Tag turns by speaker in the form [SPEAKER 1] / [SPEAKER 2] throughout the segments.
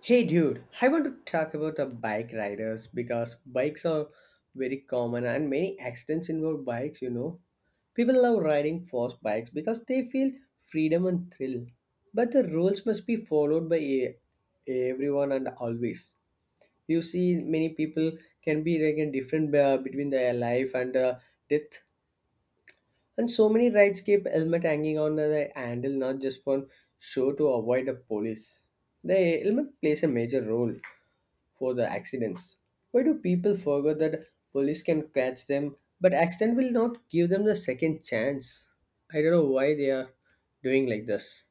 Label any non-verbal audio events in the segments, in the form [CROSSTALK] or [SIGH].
[SPEAKER 1] Hey dude, I want to talk about the bike riders because bikes are very common and many accidents involve bikes, People love riding fast bikes because they feel freedom and thrill. But the rules must be followed by everyone and always. You see, many people can be like in different between their life and death. And so many rides keep helmet hanging on the handle, not just for show to avoid the police. The helmet plays a major role for the accidents. Why do people forget that police can catch them, but accident will not give them the second chance? I don't know why they are doing like this.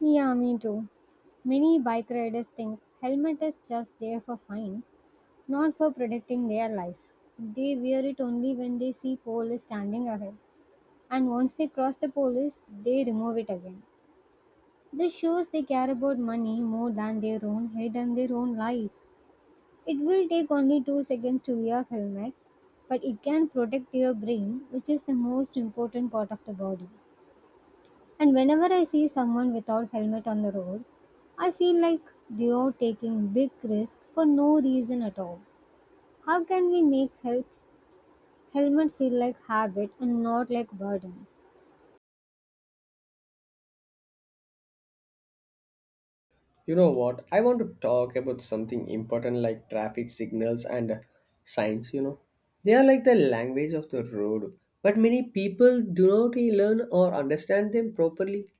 [SPEAKER 2] Yeah, me too. Many bike riders think helmet is just there for fun, not for protecting their life. They wear it only when they see police standing ahead, and once they cross the police, they remove it again. This shows they care about money more than their own head and their own life. It will take only 2 seconds to wear helmet, but it can protect your brain, which is the most important part of the body. And whenever I see someone without helmet on the road, I feel like they are taking big risk for no reason at all. How can we make health helmet feel like habit and not like burden?
[SPEAKER 1] You know what? I want to talk about something important like traffic signals and signs, They are like the language of the road, but many people do not learn or understand them properly.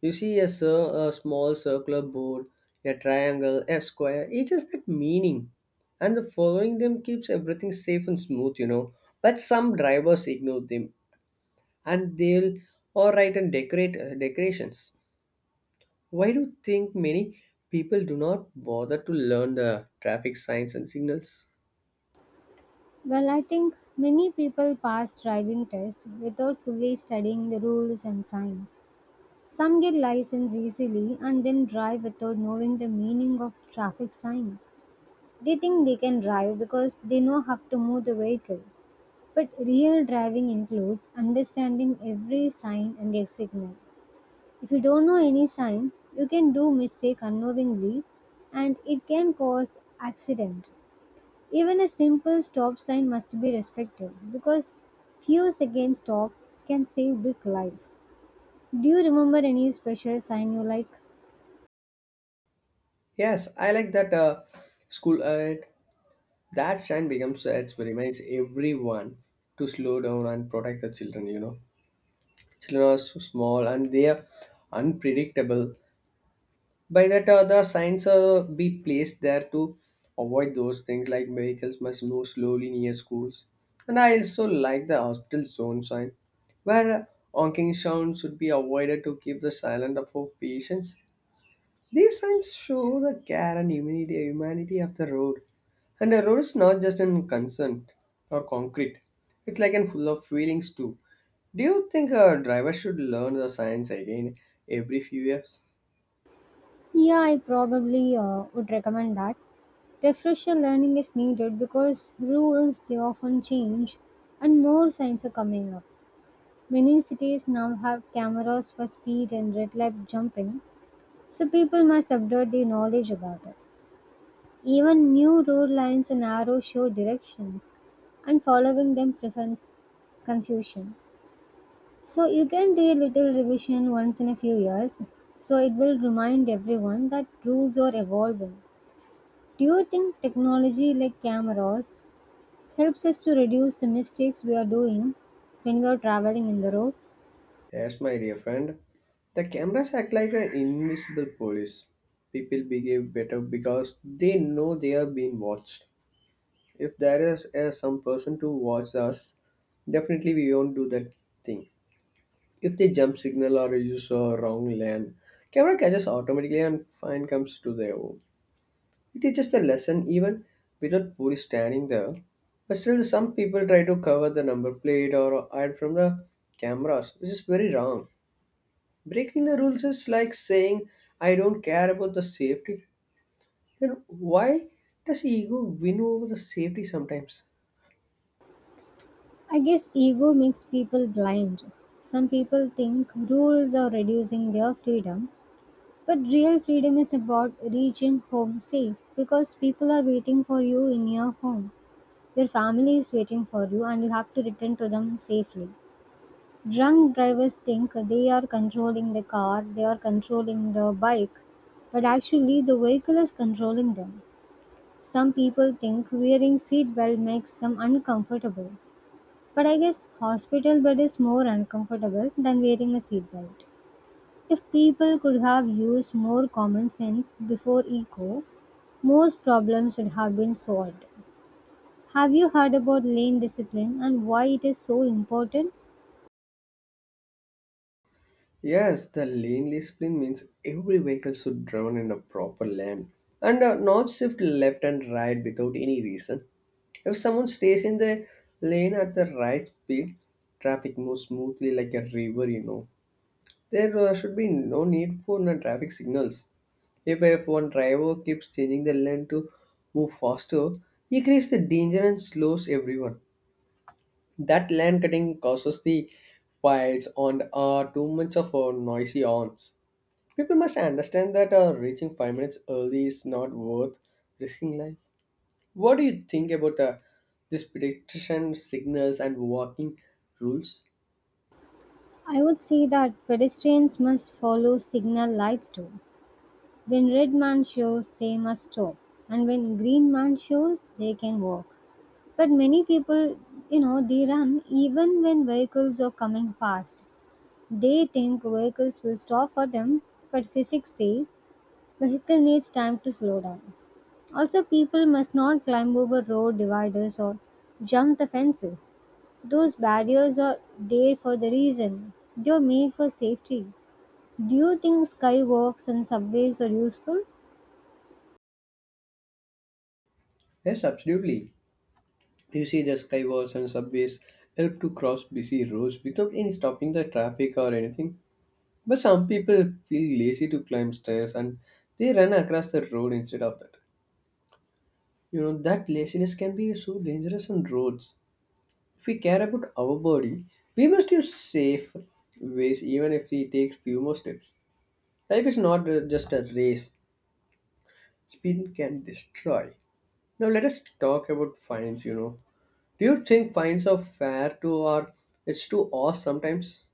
[SPEAKER 1] You see a small circular board, a triangle, a square, each has that meaning. And the following them keeps everything safe and smooth, But some drivers ignore them and they'll all right and decorate decorations. Why do you think many people do not bother to learn the traffic signs and signals?
[SPEAKER 2] Well, I think many people pass driving tests without fully studying the rules and signs. Some get license easily and then drive without knowing the meaning of traffic signs. They think they can drive because they know how to move the vehicle. But real driving includes understanding every sign and their signal. If you don't know any sign, you can do mistake unknowingly and it can cause accident. Even a simple stop sign must be respected because few seconds stop can save big life. Do you remember any special sign you like?
[SPEAKER 1] Yes, I like that school. That sign becomes it reminds everyone to slow down and protect the children, you know. Children are so small and they are unpredictable by that the signs be placed there to avoid those things like vehicles must move slowly near schools. And I also like the hospital zone sign where honking sounds should be avoided to keep the silent of our patients. These signs show the care and humanity, humanity of the road. And the road is not just in concern or concrete, it's like and full of feelings too. Do you think a driver should learn the signs again every few years?
[SPEAKER 2] Yeah, I probably would recommend that. Refresher learning is needed because rules they often change and more signs are coming up. Many cities now have cameras for speed and red light jumping, so people must update their knowledge about it. Even new road lines and arrows show directions, and following them prevents confusion. So you can do a little revision once in a few years, so it will remind everyone that rules are evolving. Do you think technology like cameras helps us to reduce the mistakes we are doing when we are traveling in the road?
[SPEAKER 1] Yes, my dear friend. The cameras act like an invisible police. People behave better because they know they are being watched. If there is some person to watch us, definitely we won't do that thing. If they jump signal or use a wrong lane, camera catches automatically and fine comes to their own. It is just a lesson even without police standing there. But still some people try to cover the number plate or hide from the cameras, which is very wrong. Breaking the rules is like saying I don't care about the safety. Then why does ego win over the safety sometimes?
[SPEAKER 2] I guess ego makes people blind. Some people think rules are reducing their freedom, but real freedom is about reaching home safe because people are waiting for you in your home. Your family is waiting for you and you have to return to them safely. Drunk drivers think they are controlling the car, they are controlling the bike, but actually the vehicle is controlling them. Some people think wearing seatbelt makes them uncomfortable, but I guess hospital bed is more uncomfortable than wearing a seatbelt. If people could have used more common sense before eco, most problems would have been solved. Have you heard about lane discipline and why it is so important?
[SPEAKER 1] Yes, the lane discipline means every vehicle should drive in a proper lane and not shift left and right without any reason. If someone stays in the lane at the right speed, traffic moves smoothly like a river, you know. There should be no need for no traffic signals. If one driver keeps changing the lane to move faster, he creates the danger and slows everyone. That lane cutting causes the fights and too much of noisy horns. People must understand that reaching 5 minutes early is not worth risking life. What do you think about this prediction signals and walking rules?
[SPEAKER 2] I would say that pedestrians must follow signal lights too. When red man shows, they must stop, and when green man shows, they can walk. But many people, you know, they run even when vehicles are coming fast. They think vehicles will stop for them, but physics say vehicle needs time to slow down. Also, people must not climb over road dividers or jump the fences. Those barriers are there for the reason. They are made for safety. Do you think skywalks and subways are useful?
[SPEAKER 1] Yes, absolutely. You see, the skywalks and subways help to cross busy roads without any stopping the traffic or anything. But some people feel lazy to climb stairs and they run across the road instead of that. You know, that laziness can be so dangerous on roads. If we care about our body, we must use safe ways even if we take few more steps. Life is not just a race. Speed can destroy. Now let us talk about fines, Do you think fines are fair to or it's too harsh sometimes?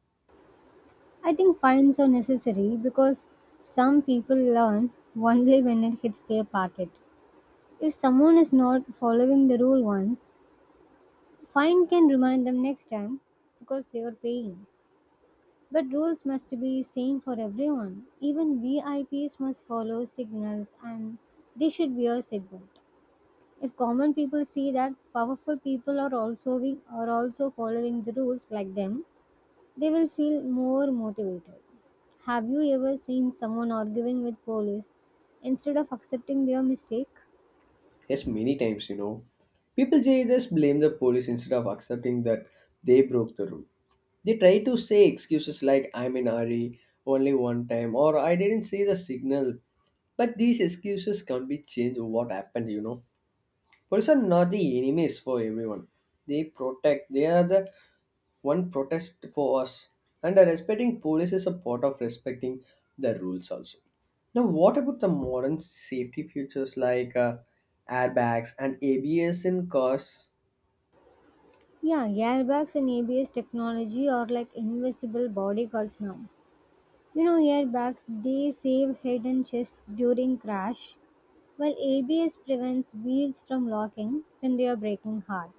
[SPEAKER 2] I think fines are necessary because some people learn only when it hits their pocket. If someone is not following the rule once, fine can remind them next time because they are paying. But rules must be same for everyone. Even VIPs must follow signals and they should wear seatbelt. If common people see that powerful people are also we are also following the rules like them, they will feel more motivated. Have you ever seen someone arguing with police instead of accepting their mistake?
[SPEAKER 1] Yes, many times, you know. People just blame the police instead of accepting that they broke the rule. They try to say excuses like I'm in a hurry, only one time, or I didn't see the signal. But these excuses can't be changed what happened, Police are not the enemies for everyone. They protect, they are the one protest for us. And respecting police is a part of respecting the rules also. Now, what about the modern safety features like airbags and ABS in cars?
[SPEAKER 2] Yeah, airbags and ABS technology are like invisible bodyguards now. You know, airbags they save head and chest during crash, while ABS prevents wheels from locking when they are braking hard.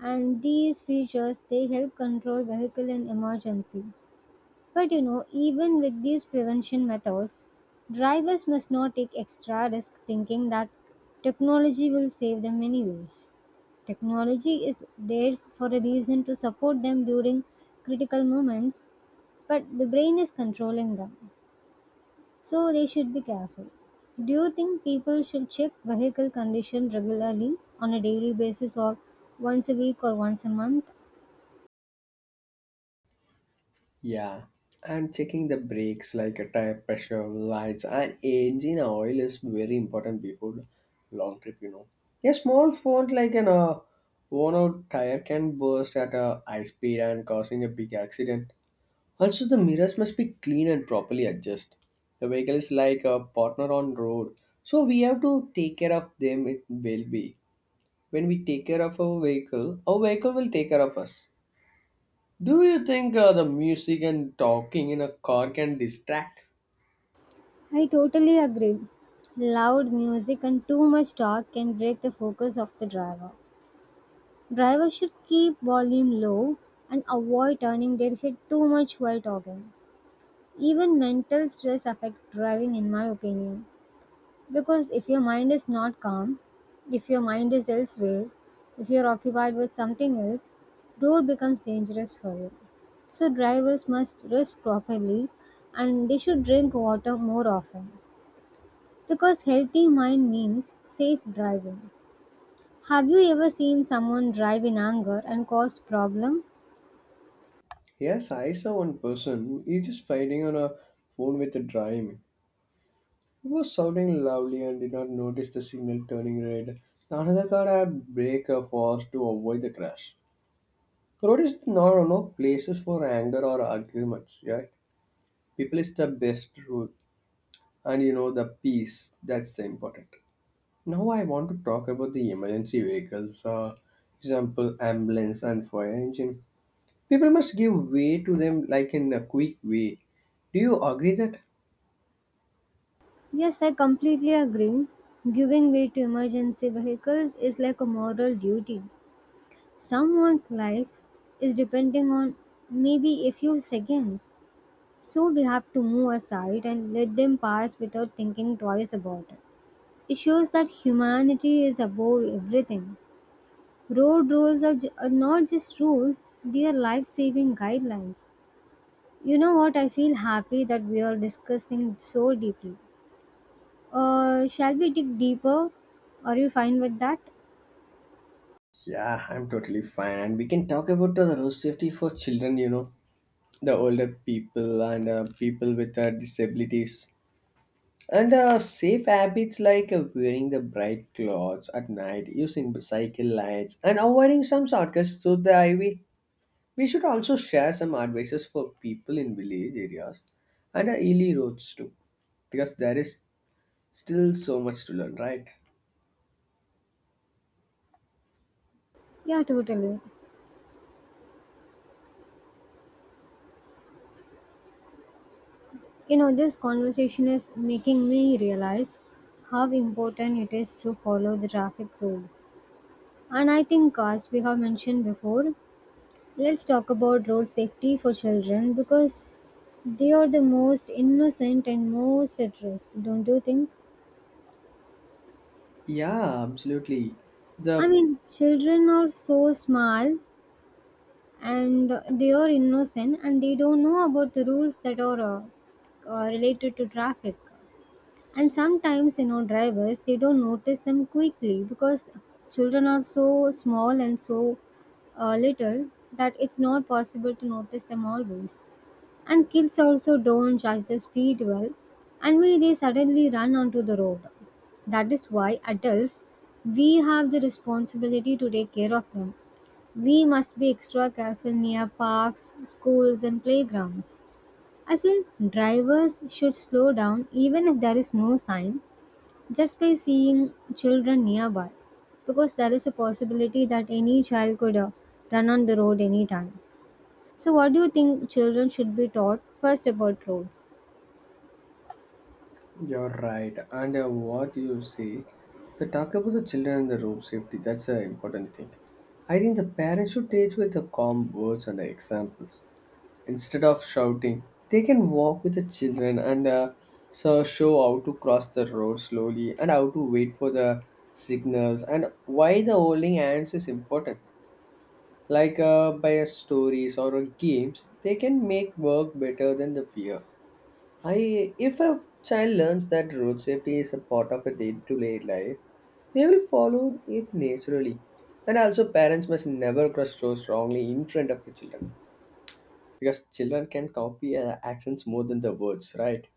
[SPEAKER 2] And these features they help control vehicle in emergency. But you know, even with these prevention methods, drivers must not take extra risk thinking that technology will save them anyways. Technology is there for a reason to support them during critical moments, but the brain is controlling them. So they should be careful. Do you think people should check vehicle condition regularly on a daily basis or once a week or once a month?
[SPEAKER 1] Yeah, and checking the brakes like a tire pressure, lights, and engine oil is very important before the long trip. You know, a small fault like an worn-out tire can burst at a high speed and causing a big accident. Also, the mirrors must be clean and properly adjusted. The vehicle is like a partner on road, so we have to take care of them. It will be when we take care of our vehicle will take care of us. Do you think the music and talking in a car can distract?
[SPEAKER 2] I totally agree. Loud music and too much talk can break the focus of the driver. Drivers should keep volume low and avoid turning their head too much while talking. Even mental stress affects driving in my opinion. Because if your mind is not calm, if your mind is elsewhere, if you're occupied with something else, road becomes dangerous for you. So drivers must rest properly and they should drink water more often. Because healthy mind means safe driving. Have you ever seen someone drive in anger and cause problem?
[SPEAKER 1] Yes, I saw one person. He just fighting on a phone with a driving. He was shouting loudly and did not notice the signal turning red. Another car had brake fast to avoid the crash. Road is not no places for anger or arguments. Yeah, people is the best rule, and you know the peace. That's the important. Now I want to talk about the emergency vehicles. Example ambulance and fire engine. People must give way to them like in a quick way. Do you agree that?
[SPEAKER 2] Yes, I completely agree. Giving way to emergency vehicles is like a moral duty. Someone's life is depending on maybe a few seconds. So we have to move aside and let them pass without thinking twice about it. It shows that humanity is above everything. Road rules are, ju- are not just rules, they are life saving guidelines. You know what? I feel happy that we are discussing so deeply. Shall we dig deeper? Are you fine with that?
[SPEAKER 1] Yeah, I'm totally fine. And we can talk about the road safety for children, you know, the older people and people with disabilities. And safe habits like wearing the bright clothes at night, using bicycle lights, and avoiding some shortcuts through the highway. We should also share some advices for people in village areas and hilly roads too, because there is still so much to learn, right?
[SPEAKER 2] Yeah, totally. You know, this conversation is making me realize how important it is to follow the traffic rules. And I think, as we have mentioned before, let's talk about road safety for children because they are the most innocent and most at risk, don't you think?
[SPEAKER 1] Yeah, absolutely.
[SPEAKER 2] I
[SPEAKER 1] The
[SPEAKER 2] mean, children are so small and they are innocent and they don't know about the rules that are related to traffic. And sometimes you know drivers they don't notice them quickly because children are so small and so little that it's not possible to notice them always, and kids also don't judge the speed well, and when they suddenly run onto the road, that is why adults, we have the responsibility to take care of them. We must be extra careful near parks, schools and playgrounds. I feel drivers should slow down even if there is no sign, just by seeing children nearby, because there is a possibility that any child could run on the road anytime. So, what do you think children should be taught first about roads?
[SPEAKER 1] You're right. And what you say, the talk about the children and the road safety, that's an important thing. I think the parents should teach with the calm words and the examples. Instead of shouting, they can walk with the children and so show how to cross the road slowly and how to wait for the signals and why the holding hands is important. Like by stories or games, they can make work better than the fear. I If a child learns that road safety is a part of a day-to-day life, they will follow it naturally. And also, parents must never cross roads wrongly in front of the children because children can copy actions more than the words, right?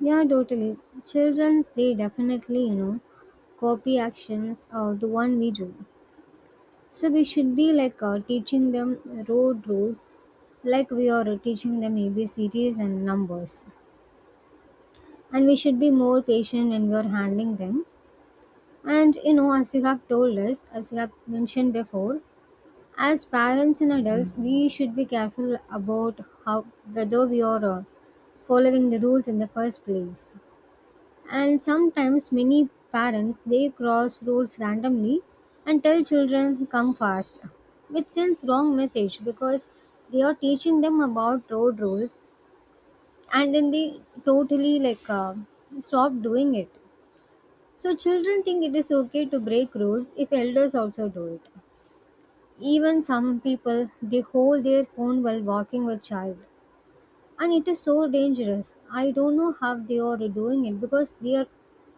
[SPEAKER 2] Yeah, totally. Children, they definitely, you know, copy actions, the one we do. So, we should be like teaching them road rules, like we are teaching them ABCDs and numbers. And we should be more patient when we are handling them. And you know, as you have told us, as you have mentioned before, as parents and adults, we should be careful about how whether we are following the rules in the first place. And sometimes many parents they cross rules randomly and tell children come fast, which sends wrong message because they are teaching them about road rules and then they totally stop doing it, so children think it is okay to break rules if elders also do it. Even some people they hold their phone while walking with child and it is so dangerous. I don't know how they are doing it because they are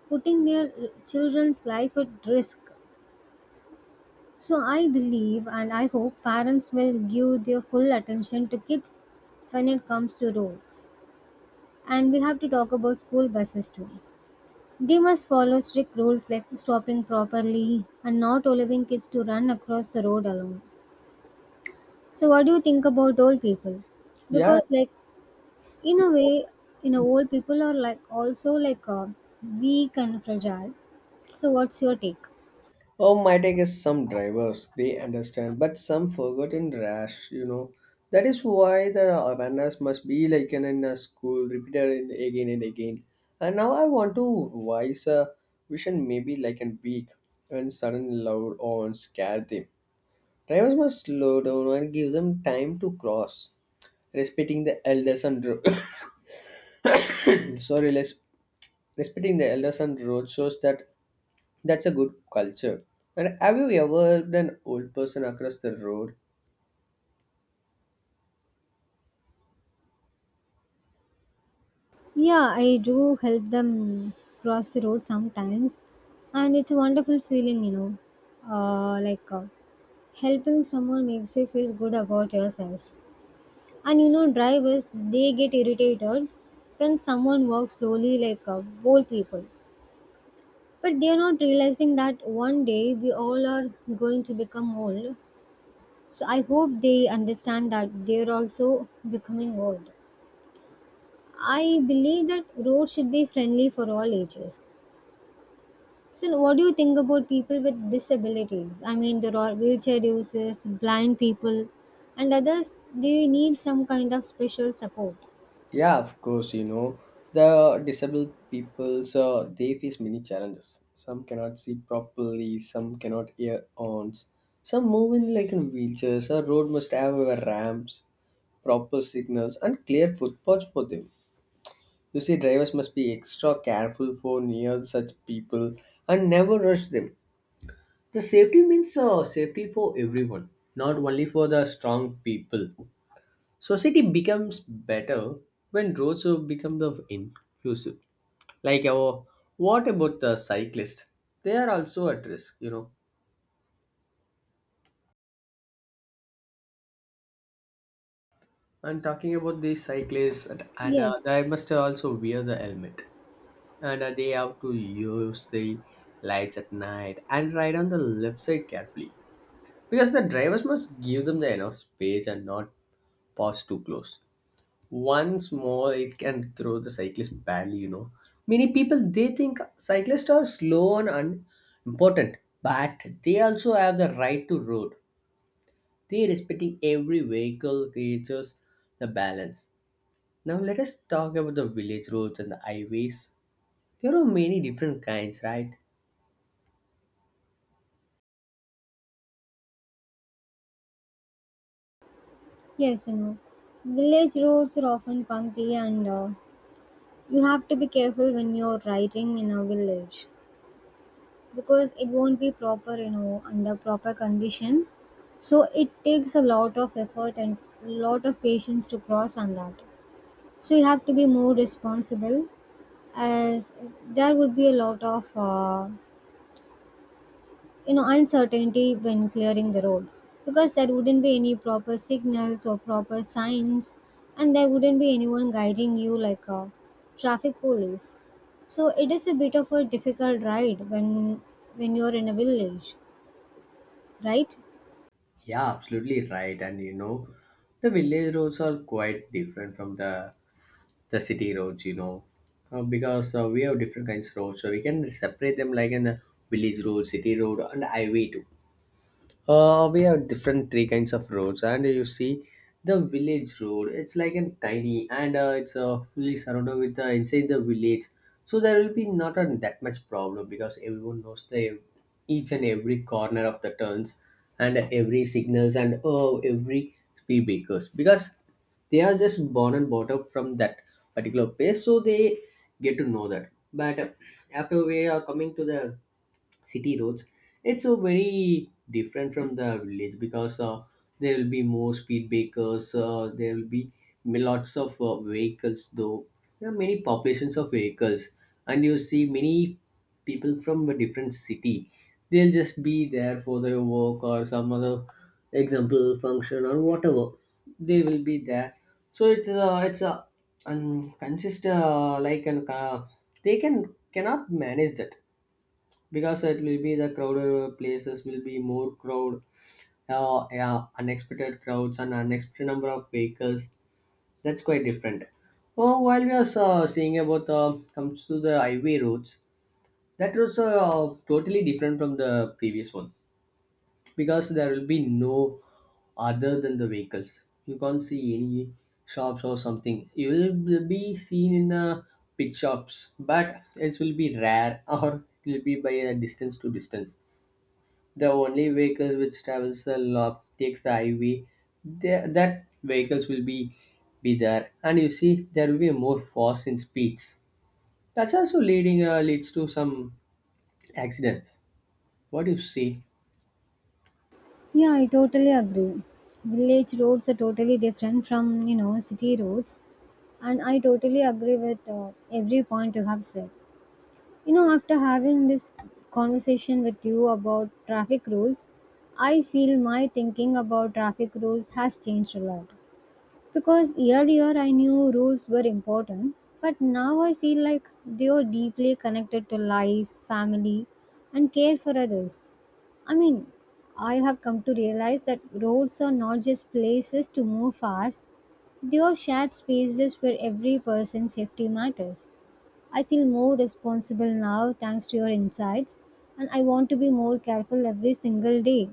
[SPEAKER 2] putting their children's life at risk. So I believe and I hope parents will give their full attention to kids when it comes to roads. And we have to talk about school buses too. They must follow strict rules like stopping properly and not allowing kids to run across the road alone. So what do you think about old people?
[SPEAKER 1] Yeah.
[SPEAKER 2] Because like in a way, you know, old people are like also weak and fragile. So what's your take?
[SPEAKER 1] Oh, my take is some drivers they understand, but some forgotten rash. You know that is why the awareness must be like in a school repeated again and again. And now I want to voice a vision maybe like in week when sudden loud on scare them. Drivers must slow down and give them time to cross, respecting the elders and [COUGHS] sorry, respecting the elders and road shows that That's a good culture. And have you ever heard an old person across the road?
[SPEAKER 2] Yeah, I do help them cross the road sometimes, and it's a wonderful feeling, you know. Uh, like uh, Helping someone makes you feel good about yourself. And you know, drivers, they get irritated when someone walks slowly like old people. But they are not realizing that one day we all are going to become old. So I hope they understand that they are also becoming old. I believe that roads should be friendly for all ages. So what do you think about people with disabilities? I mean, there are wheelchair users, blind people, and others. They need some kind of special support.
[SPEAKER 1] Yeah, of course, you know. The disabled people, so they face many challenges. Some cannot see properly, some cannot hear ons, some move in like in wheelchairs. A road must have a ramps, proper signals, and clear footpaths for them. You see, drivers must be extra careful for near such people and never rush them. The safety means safety for everyone, not only for the strong people. Society becomes better when roads become the inclusive. Like our, what about the cyclists? They are also at risk, you know. And talking about these cyclists, and
[SPEAKER 2] Yes.
[SPEAKER 1] they must also wear the helmet, and they have to use the lights at night and ride on the left side carefully, because the drivers must give them the enough space and not pass too close. Once more it can throw the cyclist badly, you know. Many people they think cyclists are slow and unimportant, but they also have the right to road. They respecting every vehicle creatures the balance. Now let us talk about the village roads and the highways. There are many different kinds, right?
[SPEAKER 2] Yes, you know, village roads are often bumpy, and you have to be careful when you're riding in a village because it won't be proper, you know, under proper condition. So it takes a lot of effort and lot of patience to cross on that. So you have to be more responsible, as there would be a lot of you know uncertainty when clearing the roads, because there wouldn't be any proper signals or proper signs, and there wouldn't be anyone guiding you like a traffic police. So it is a bit of a difficult ride when you're in a village, right?
[SPEAKER 1] Yeah, absolutely right. And you know, the village roads are quite different from the city roads, you know. Because we have different kinds of roads, so we can separate them like in the village road, city road, and highway too. We have different three kinds of roads, and you see the village road. It's like a tiny, and it's fully surrounded with inside the village. So there will be not a, that much problem because everyone knows the each and every corner of the turns, and every signals, and oh, every speed breakers because they are just born and brought up from that particular place, so they get to know that. But after we are coming to the city roads, it's so very different from the village because there will be more speed breakers. There will be lots of vehicles, though there are many populations of vehicles. And you see many people from a different city, they'll just be there for their work or some other example function or whatever, they will be there. So it's a consist like an they can cannot manage that because it will be the crowded places will be more crowd. Yeah, unexpected crowds and unexpected number of vehicles, that's quite different. Oh, while we are seeing about comes to the highway roads, that roads are totally different from the previous ones, because there will be no other than the vehicles. You can't see any shops or something. You will be seen in pit shops, but it will be rare [LAUGHS] or it will be by a distance to distance. The only vehicles which travels a lot takes the highway. There that vehicles will be there, and you see there will be more fast in speeds. That's also leading leads to some accidents. What do you see?
[SPEAKER 2] Yeah, I totally agree. Village roads are totally different from, you know, city roads. And I totally agree with every point you have said. You know, after having this conversation with you about traffic rules, I feel my thinking about traffic rules has changed a lot. Because earlier I knew rules were important, but now I feel like they are deeply connected to life, family, and care for others. I mean, I have come to realize that roads are not just places to move fast, they are shared spaces where every person's safety matters. I feel more responsible now thanks to your insights, and I want to be more careful every single day.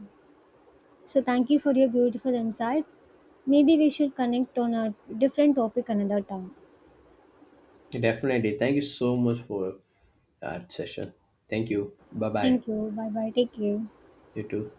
[SPEAKER 2] So, thank you for your beautiful insights. Maybe we should connect on a different topic another time.
[SPEAKER 1] Definitely thank you so much for that session. Thank you, bye bye.
[SPEAKER 2] Thank you. Bye bye. Take care.
[SPEAKER 1] You too.